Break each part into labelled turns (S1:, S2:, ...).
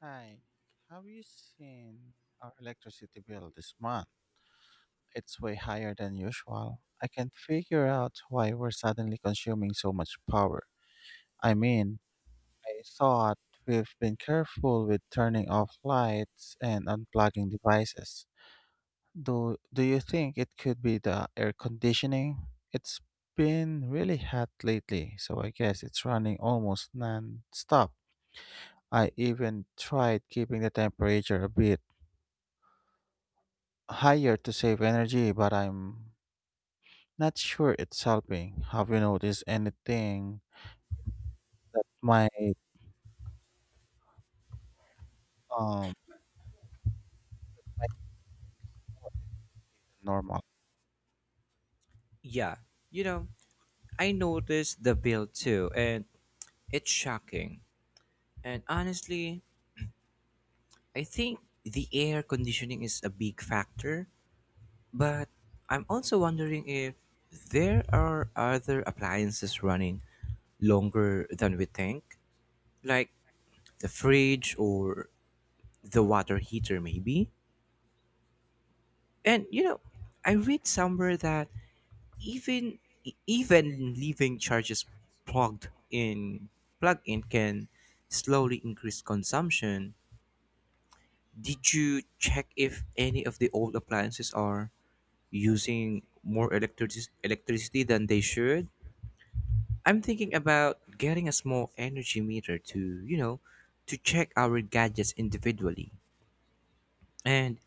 S1: Hi, have you seen our electricity bill this month? It's way higher than usual. I can't figure out why we're suddenly consuming so much power. I mean, I thought we've been careful with turning off lights and unplugging devices. Do you think it could be the air conditioning? It's been really hot lately, so I guess it's running almost non-stop. I even tried keeping the temperature a bit higher to save energy, but I'm not sure it's helping. Have you noticed anything that might um normal?
S2: Yeah, you know, I noticed the bill too, and it's shocking. And honestly, I think the air conditioning is a big factor, but I'm also wondering if there are other appliances running longer than we think, like the fridge or the water heater, maybe. And you know, I read somewhere that Even even leaving charges plugged in plugged in can slowly increase consumption. Did you check if any of the old appliances are using electricity than they should? I'm thinking about getting a small energy meter to, you know, to check our gadgets individually. And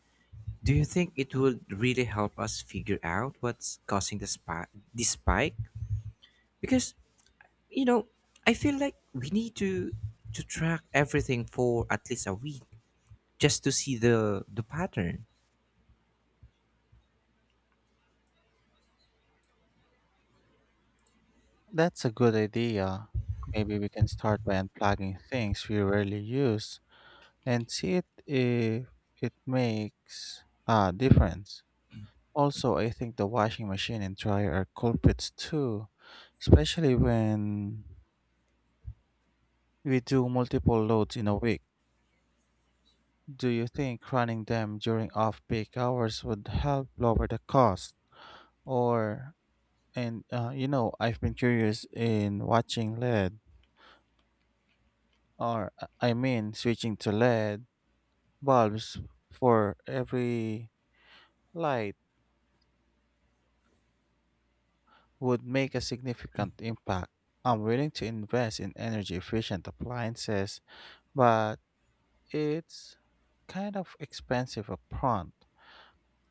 S2: do you think it would really help us figure out what's causing the spike? Because you know, I feel like we need to track everything for at least a week just to see the pattern.
S1: That's a good idea. Maybe we can start by unplugging things we rarely use and see it if it makes a difference. Also, I think the washing machine and dryer are culprits too, especially when we do multiple loads in a week. Do you think running them during off-peak hours would help lower the cost? Or, and You know, I've been curious in watching LED, or uh, I mean, switching to LED bulbs for every light would make a significant impact. I'm willing to invest in energy-efficient appliances, but it's kind of expensive upfront.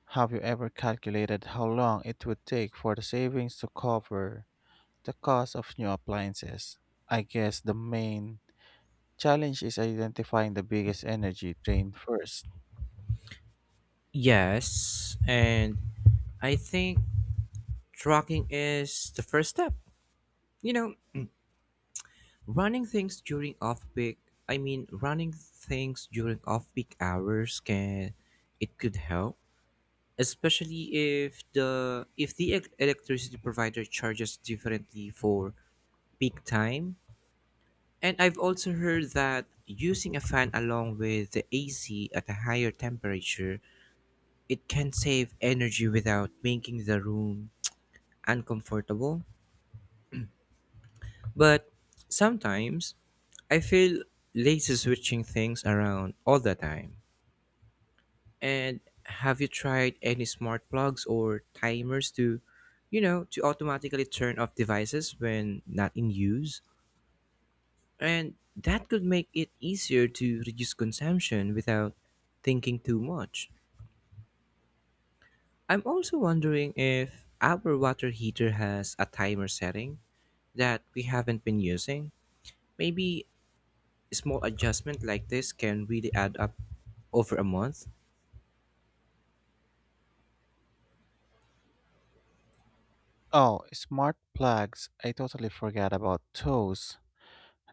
S1: Have you ever calculated how long it would take for the savings to cover the cost of new appliances? I guess the main challenge is identifying the biggest energy drain first.
S2: Yes, and I think tracking is the first step. You know, running things during off peak. I mean, Running things during off peak hours can it could help, especially if electricity provider charges differently for peak time. And I've also heard that using a fan along with the AC at a higher temperature, it can save energy without making the room uncomfortable. But sometimes I feel lazy switching things around all the time. And have you tried any smart plugs or timers to, to automatically turn off devices when not in use? And that could make it easier to reduce consumption without thinking too much. I'm also wondering if our water heater has a timer setting that we haven't been using. Maybe a small adjustment like this can really add up over a month.
S1: Oh, smart plugs. I totally forgot about those.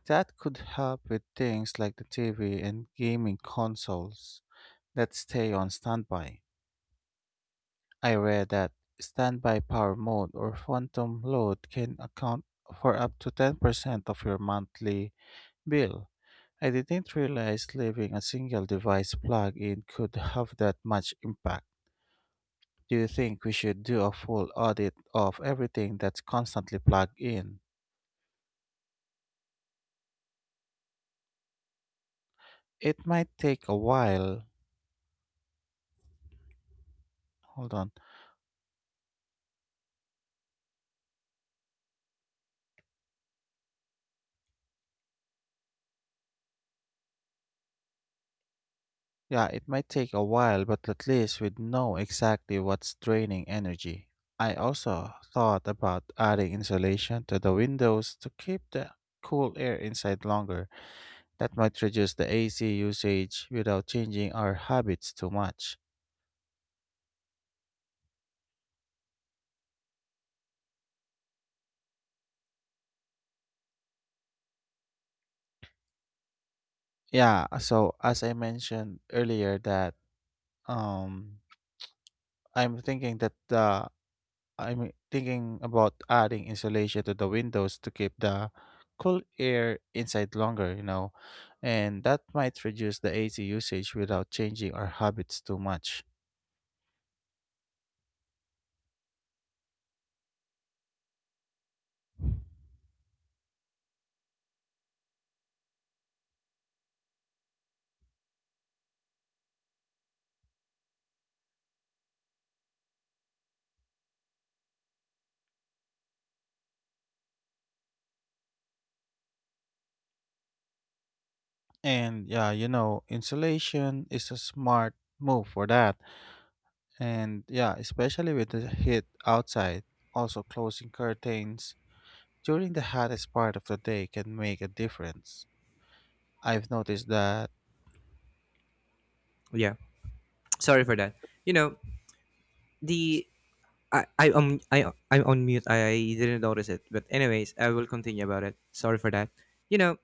S1: That could help with things like the TV and gaming consoles that stay on standby. I read that standby power mode or phantom load can account for up to 10% of your monthly bill. I didn't realize leaving a single device plugged in could have that much impact. Do you think we should do a full audit of everything that's constantly plugged in? It might take a while. Hold on. Yeah, it might take a while, but at least we'd know exactly what's draining energy. I also thought about adding insulation to the windows to keep the cool air inside longer. That might reduce the AC usage without changing our habits too much. Yeah, so as I mentioned earlier that um I'm thinking that the I'm thinking about adding insulation to the windows to keep the cool air inside longer, you know, and that might reduce the AC usage without changing our habits too much. And yeah, you know, insulation is a smart move for that. And yeah, especially with the heat outside, also closing curtains during the hottest part of the day can make a difference. I've noticed that,
S2: Yeah, sorry for that. You know, the I I'm on mute. I didn't notice it. But anyways, I will continue about it. Sorry for that. You know,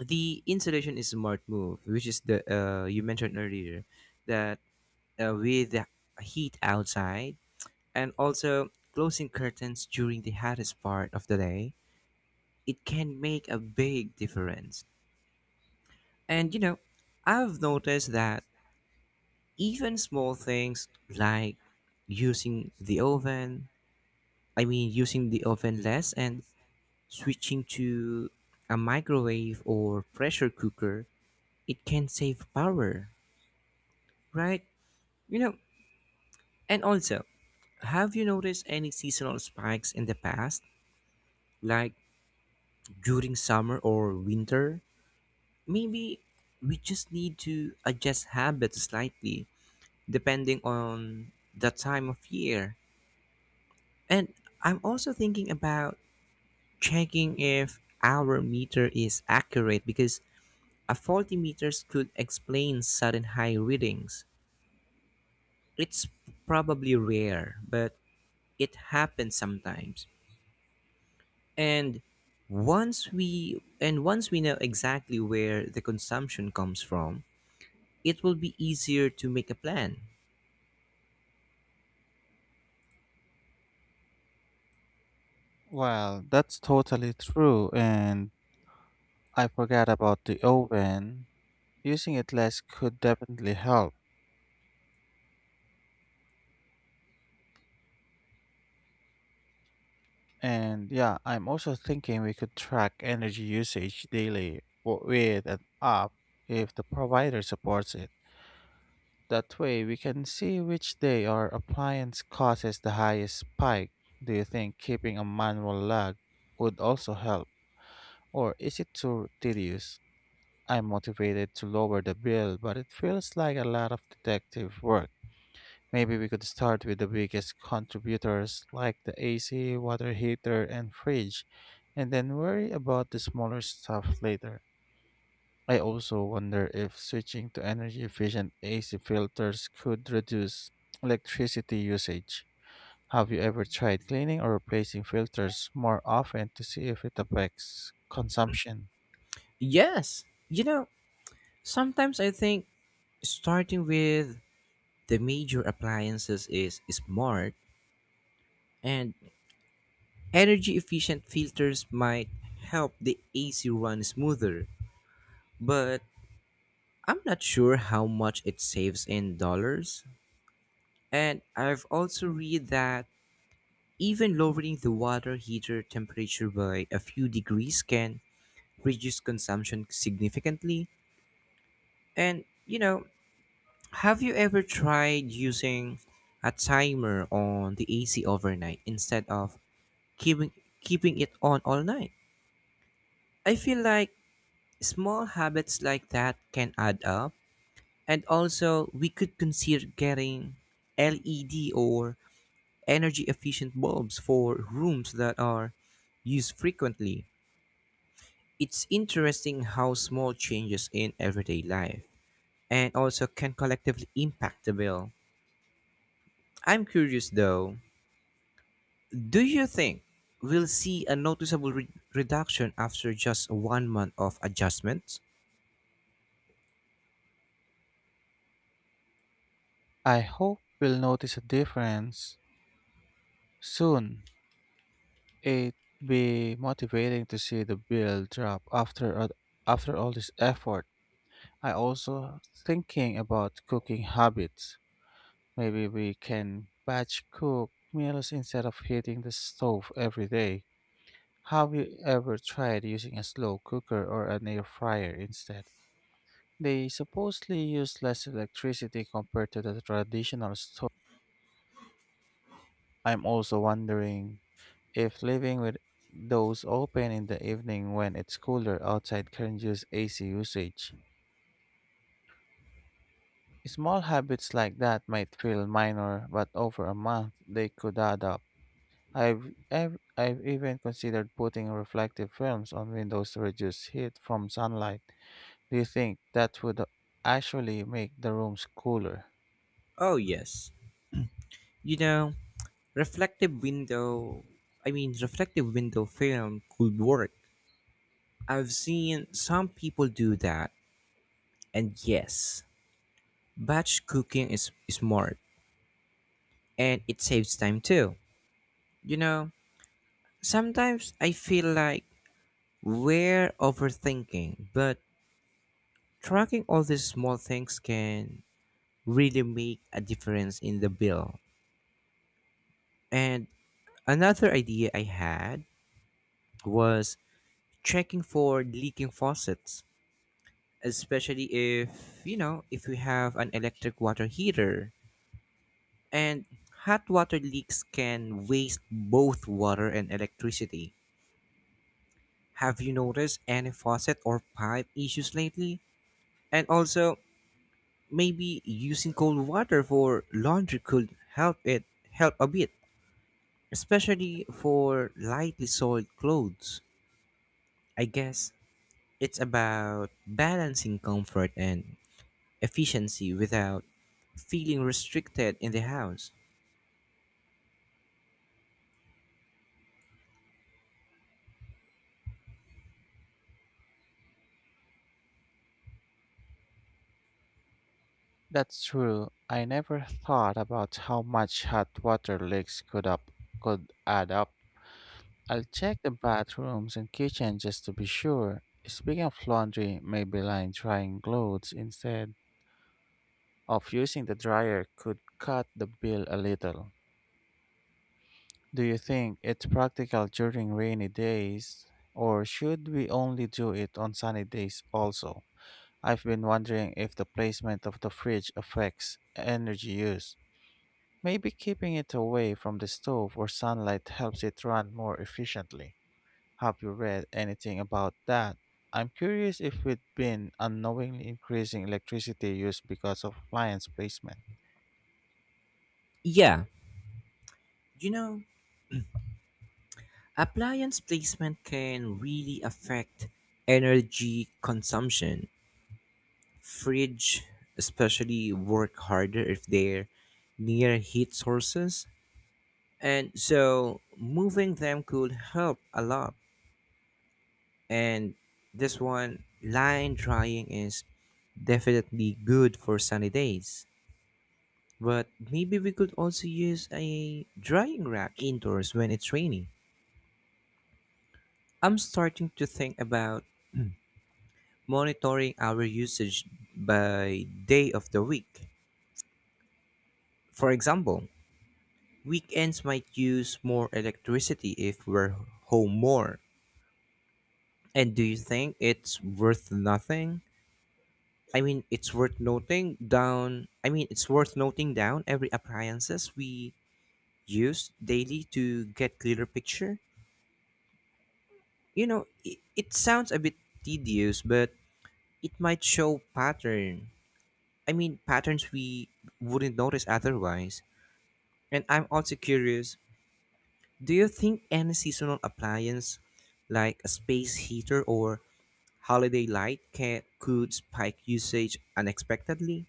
S2: the insulation is a smart move, which is the you mentioned earlier that with the heat outside and also closing curtains during the hottest part of the day, it can make a big difference. And you know, I've noticed that even small things like using the oven, using the oven less and switching to a microwave or pressure cooker, it can save power, right? You know, And also, have you noticed any seasonal spikes in the past, like during summer or winter? Maybe we just need to adjust habits slightly depending on the time of year. And I'm also thinking about checking if our meter is accurate because a faulty meter could explain sudden high readings. It's probably rare, but it happens sometimes. And once we know exactly where the consumption comes from, it will be easier to make a plan.
S1: well, that's totally true, and I forgot about the oven. Using it less could definitely help. And yeah, I'm also thinking we could track energy usage daily with an app if the provider supports it. That way, we can see which day our appliance causes the highest spike. Do you think keeping a manual log would also help, or is it too tedious? I'm motivated to lower the bill, but it feels like a lot of detective work. Maybe we could start with the biggest contributors like the AC, water heater, and fridge, and then worry about the smaller stuff later. I also wonder if switching to energy efficient AC filters could reduce electricity usage. Have you ever tried cleaning or replacing filters more often to see if it affects consumption?
S2: Yes, sometimes I think starting with the major appliances is smart and energy efficient filters might help the AC run smoother, but I'm not sure how much it saves in dollars. And I've also read that even lowering the water heater temperature by a few degrees can reduce consumption significantly. And, have you ever tried using a timer on the AC overnight instead of keeping keeping it on all night? I feel like small habits like that can add up. And also, we could consider getting LED or energy efficient bulbs for rooms that are used frequently. It's interesting how small changes in everyday life and also can collectively impact the bill. I'm curious though, do you think we'll see a reduction after just 1 month of adjustments?
S1: I hope we'll notice a difference soon. It'd be motivating to see the bill drop after after all this effort. I also thinking about cooking habits. Maybe we can batch cook meals instead of hitting the stove every day. Have you ever tried using a slow cooker or an air fryer instead? They supposedly use less electricity compared to the traditional stove. I'm also wondering if leaving with those open in the evening when it's cooler outside can reduce AC usage. Small habits like that might feel minor, but over a month they could add up. I've even considered putting reflective films on windows to reduce heat from sunlight. Do you think that would actually make the rooms cooler?
S2: Oh, yes. You know, reflective window, Reflective window film could work. I've seen some people do that, and yes, batch cooking is smart and it saves time too. You know, Sometimes I feel like we're overthinking, but tracking all these small things can really make a difference in the bill. And another idea I had was checking for leaking faucets, especially if, if we have an electric water heater. And hot water leaks can waste both water and electricity. Have you noticed any faucet or pipe issues lately? And also, maybe using cold water for laundry could help a bit, especially for lightly soiled clothes. I guess it's about balancing comfort and efficiency without feeling restricted in the house.
S1: That's true. I never thought about how much hot water leaks could add up. I'll check the bathrooms and kitchen just to be sure. Speaking of laundry, maybe line drying clothes instead of using the dryer could cut the bill a little. Do you think it's practical during rainy days, or should we only do it on sunny days also? I've been wondering if the placement of the fridge affects energy use. Maybe keeping it away from the stove or sunlight helps it run more efficiently. Have you read anything about that? I'm curious if we've been unknowingly increasing electricity use because of appliance placement.
S2: Yeah, you know, appliance placement can really affect energy consumption. Fridge especially work harder if they're near heat sources. And so moving them could help a lot. And this one, line drying is definitely good for sunny days. But maybe we could also use a drying rack indoors when it's raining. I'm starting to think about monitoring our usage by day of the week. For example, weekends might use more electricity if we're home more. And do you think it's worth nothing? I mean, it's worth noting down. I mean, it's worth noting down every appliances we use daily to get clearer picture. It sounds a bit tedious, but it might show patterns we wouldn't notice otherwise. And I'm also curious, do you think any seasonal appliance like a space heater or holiday light can could spike usage unexpectedly?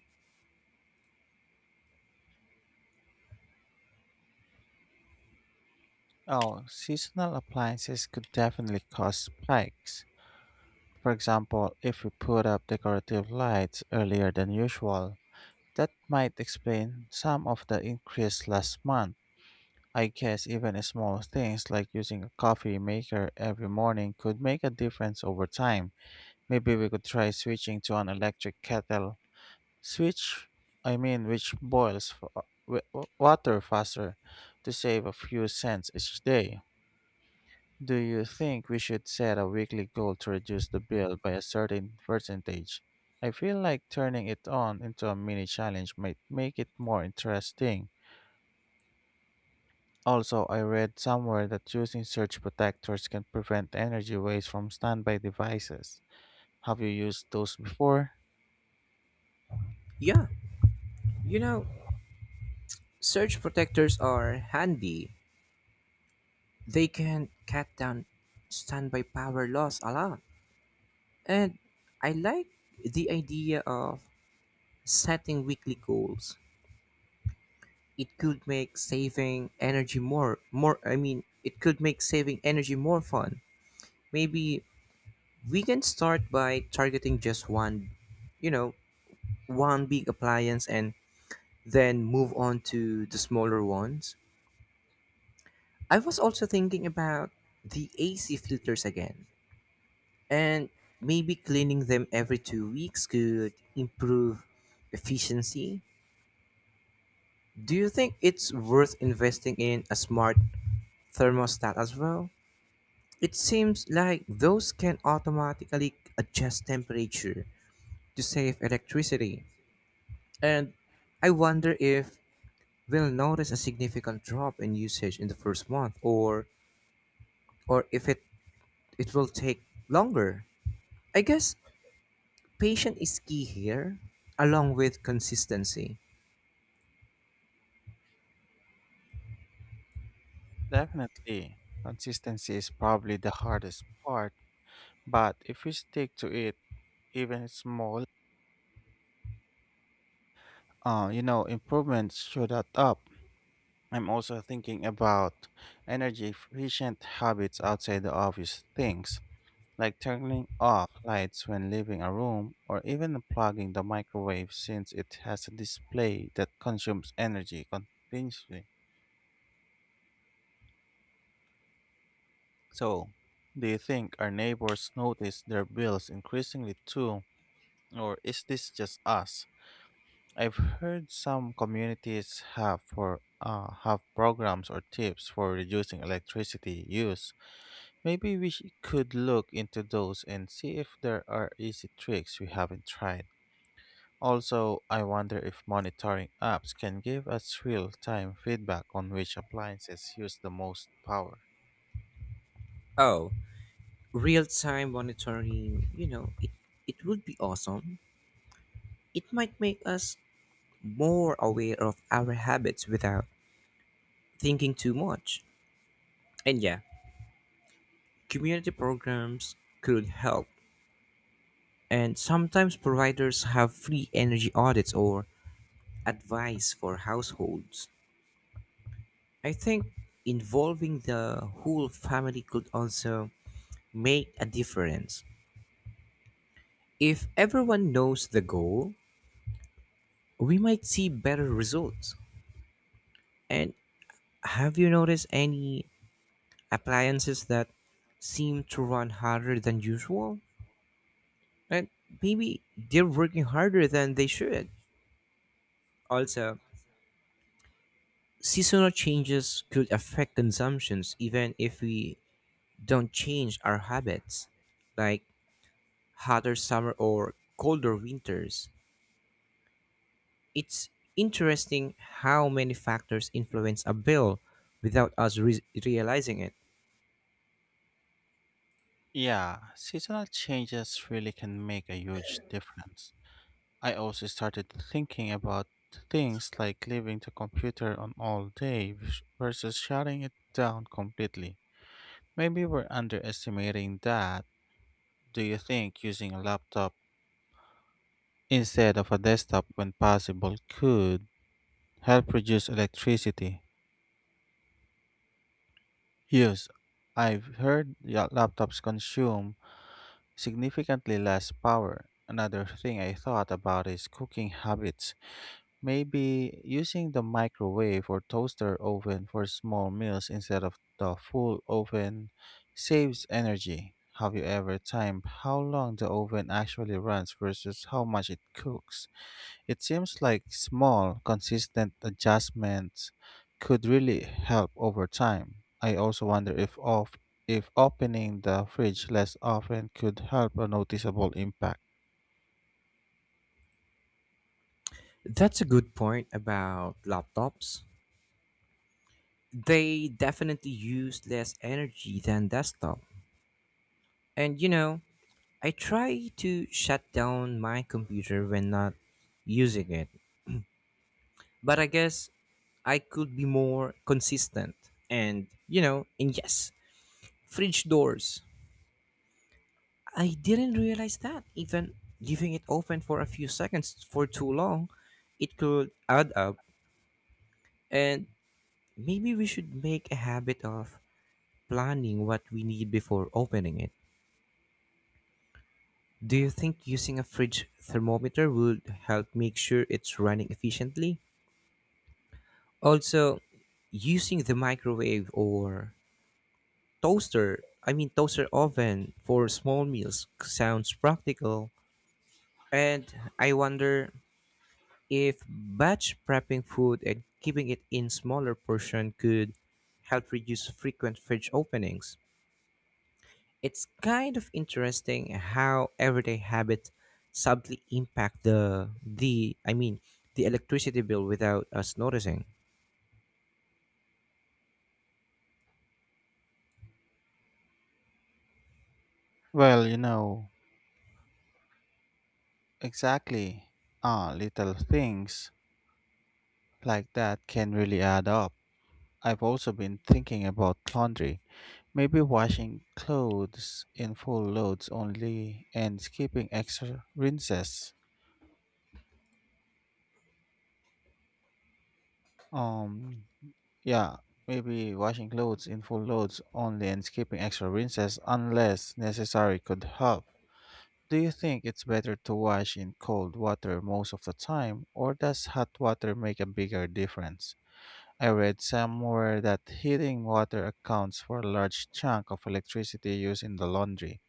S1: Oh, seasonal appliances could definitely cause spikes. For example, if we put up decorative lights earlier than usual, that might explain some of the increase last month. I guess even small things like using a coffee maker every morning could make a difference over time. Maybe we could try switching to an electric kettle Switch, which boils water faster to save a few cents each day. Do you think we should set a weekly goal to reduce the bill by a certain percentage? I feel like turning it on into a mini challenge might make it more interesting. Also, I read somewhere that using surge protectors can prevent energy waste from standby devices. Have you used those before?
S2: Yeah, you know, surge protectors are handy. They can cut down standby power loss a lot. And I like the idea of setting weekly goals. It could make saving energy more more I mean, It could make saving energy more fun. Maybe we can start by targeting just one, you know, one big appliance and then move on to the smaller ones. I was also thinking about the AC filters again. And maybe cleaning them every 2 weeks could improve efficiency. Do you think it's worth investing in a smart thermostat as well? It seems like those can automatically adjust temperature to save electricity. And I wonder if we'll notice a significant drop in usage in the first month or if it, it will take longer. I guess patience is key here along with consistency.
S1: Definitely. Consistency is probably the hardest part, but if we stick to it, even small, you know, improvements should add up. I'm also thinking about energy efficient habits outside the obvious things, like turning off lights when leaving a room or even unplugging the microwave since it has a display that consumes energy continuously. So, do you think our neighbors notice their bills increasingly too, or is this just us? I've heard some communities have programs or tips for reducing electricity use. Maybe we could look into those and see if there are easy tricks we haven't tried. Also, I wonder if monitoring apps can give us real-time feedback on which appliances use the most power.
S2: Oh, real time monitoring, it would be awesome. It might make us more aware of our habits without thinking too much. And yeah, community programs could help. And sometimes providers have free energy audits or advice for households. I think involving the whole family could also make a difference. If everyone knows the goal, we might see better results. And have you noticed any appliances that seem to run harder than usual? And maybe they're working harder than they should. Also, seasonal changes could affect consumptions even if we don't change our habits, like hotter summer or colder winters. It's interesting how many factors influence a bill without realizing it.
S1: Yeah, seasonal changes really can make a huge difference. I also started thinking about things like leaving the computer on all day versus shutting it down completely. Maybe we're underestimating that. Do you think using a laptop instead of a desktop when possible could help reduce electricity use? I've heard laptops consume significantly less power. Another thing I thought about is cooking habits. Maybe using the microwave or toaster oven for small meals instead of the full oven saves energy. Have you ever timed how long the oven actually runs versus how much it cooks? It seems like small, consistent adjustments could really help over time. I also wonder if off if opening the fridge less often could help a noticeable impact.
S2: That's a good point about laptops. They definitely use less energy than desktop. And you know, I try to shut down my computer when not using it, but I guess I could be more consistent. And you know, and Yes, fridge doors. I didn't realize that even leaving it open for a few seconds for too long, it could add up. And maybe we should make a habit of planning what we need before opening it. Do you think using a fridge thermometer would help make sure it's running efficiently? Also, using the microwave or toaster, I mean toaster oven for small meals sounds practical. And I wonder if batch prepping food and keeping it in smaller portion could help reduce frequent fridge openings. It's kind of interesting how everyday habits subtly impact the I mean the electricity bill without us noticing.
S1: Well, you know, exactly. Ah, little things like that can really add up. I've also been thinking about laundry. Maybe washing clothes in full loads only and skipping extra rinses. Um, yeah, Maybe washing clothes in full loads only and skipping extra rinses unless necessary could help. Do you think it's better to wash in cold water most of the time, or does hot water make a bigger difference? I read somewhere that heating water accounts for a large chunk of electricity used in the laundry.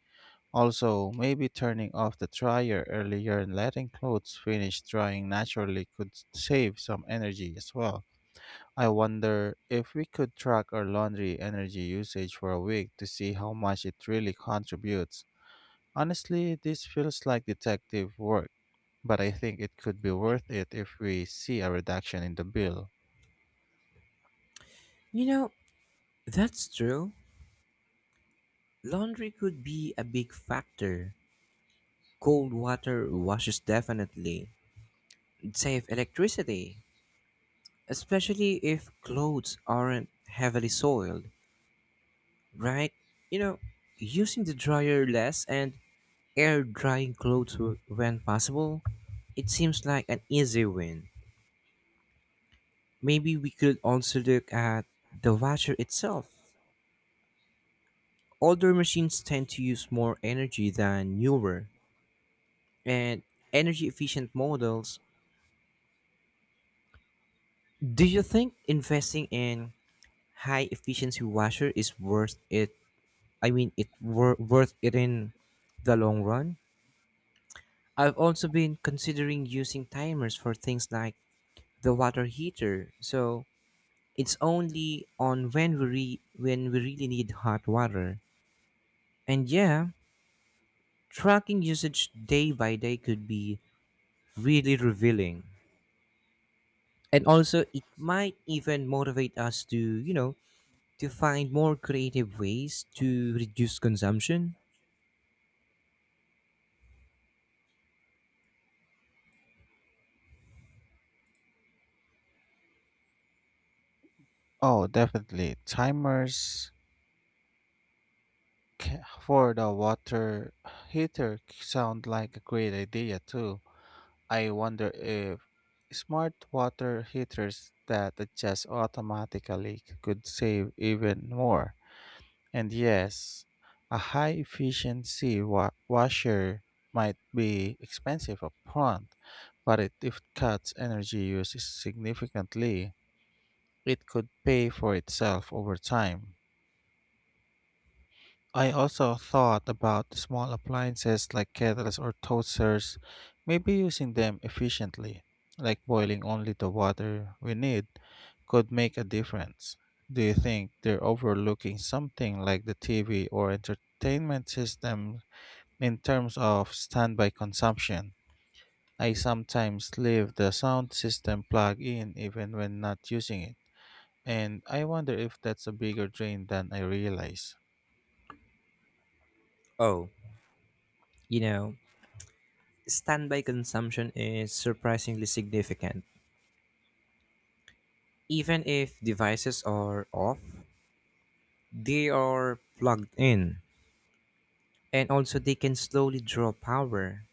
S1: Also, maybe turning off the dryer earlier and letting clothes finish drying naturally could save some energy as well. I wonder if we could track our laundry energy usage for a week to see how much it really contributes. Honestly, this feels like detective work, but I think it could be worth it if we see a reduction in the bill.
S2: You know, that's true. Laundry could be a big factor. Cold water washes definitely save electricity, especially if clothes aren't heavily soiled, right? You know, Using the dryer less and air drying when possible? It seems like an easy win. Maybe we could also look at the washer itself. Older machines tend to use more energy than newer and energy efficient models. Do you think investing in high efficiency washer is worth it? Worth it in the long run? I've also been considering using timers for things like the water heater. So, it's only on when when we really need hot water. And yeah, tracking usage day by day could be really revealing. And also it might even motivate us to, to find more creative ways to reduce consumption.
S1: Oh, definitely. Timers for the water heater sound like a great idea too. I wonder if smart water heaters that adjust automatically could save even more. And yes, a high efficiency washer might be expensive upfront, but if it cuts energy use significantly, it could pay for itself over time. I also thought about small appliances like kettles or toasters, maybe using them efficiently, like boiling only the water we need, could make a difference. Do you think they're overlooking something like the TV or entertainment system in terms of standby consumption? I sometimes leave the sound system plugged in even when not using it, and I wonder if that's a bigger drain than I realize.
S2: Oh, you know, standby consumption is surprisingly significant. Even if devices are off, they are plugged in and also they can slowly draw power.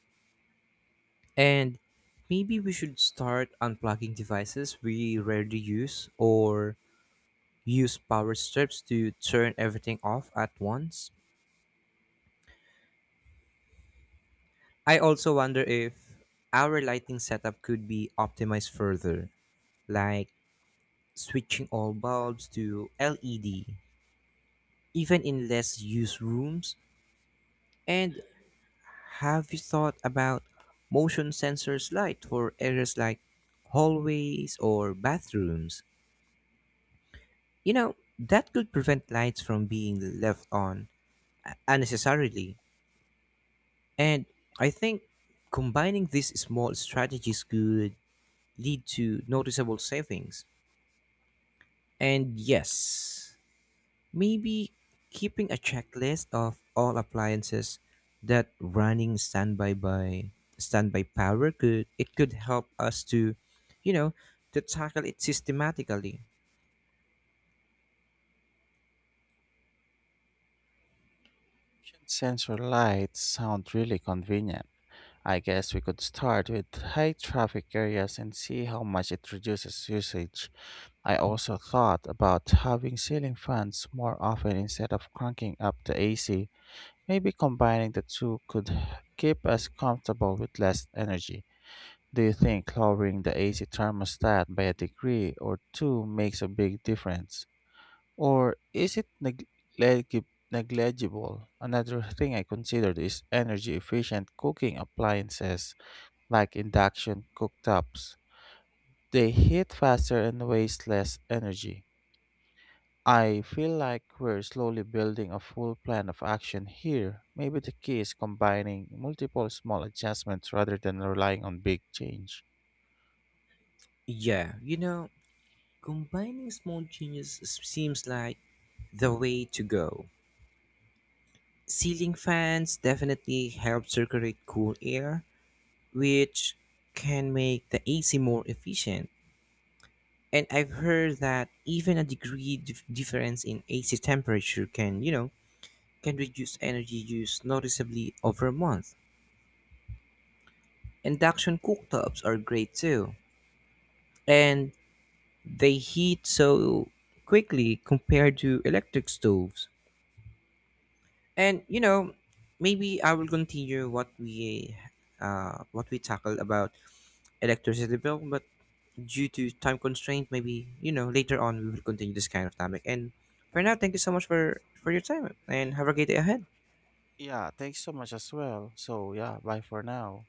S2: And maybe we should start unplugging devices we rarely use or use power strips to turn everything off at once. I also wonder if our lighting setup could be optimized further, like switching all bulbs to LED, even in less used rooms. And have you thought about motion sensors light for areas like hallways or bathrooms? That could prevent lights from being left on unnecessarily. And I think combining these small strategies could lead to noticeable savings. And yes, maybe keeping a checklist of all appliances that running standby by standby power could help us to you know to tackle it systematically.
S1: Sensor lights sound really convenient. I guess we could start with high traffic areas and see how much it reduces usage. I also thought about having ceiling fans more often instead of cranking up the AC. Maybe combining the two could keep us comfortable with less energy. Do you think lowering the AC thermostat by a degree or two makes a big difference? Or is it negligible? Another thing I considered is energy efficient cooking appliances like induction cooktops. They heat faster and waste less energy. I feel like we're slowly building a full plan of action here. Maybe the key is combining multiple small adjustments rather than relying on big change.
S2: Yeah, combining small changes seems like the way to go. Ceiling fans definitely help circulate cool air, which can make the AC more efficient. And I've heard that even a difference in AC temperature can, can reduce energy use noticeably over a month. Induction cooktops are great too, and they heat so quickly compared to electric stoves. And you know, Maybe I will continue what we tackled about electricity bill, but due to time constraint, maybe later on we will continue this kind of topic. And for now, thank you so much for your time, and have a great day ahead.
S1: Yeah, thanks so much as well. So, yeah, bye for now.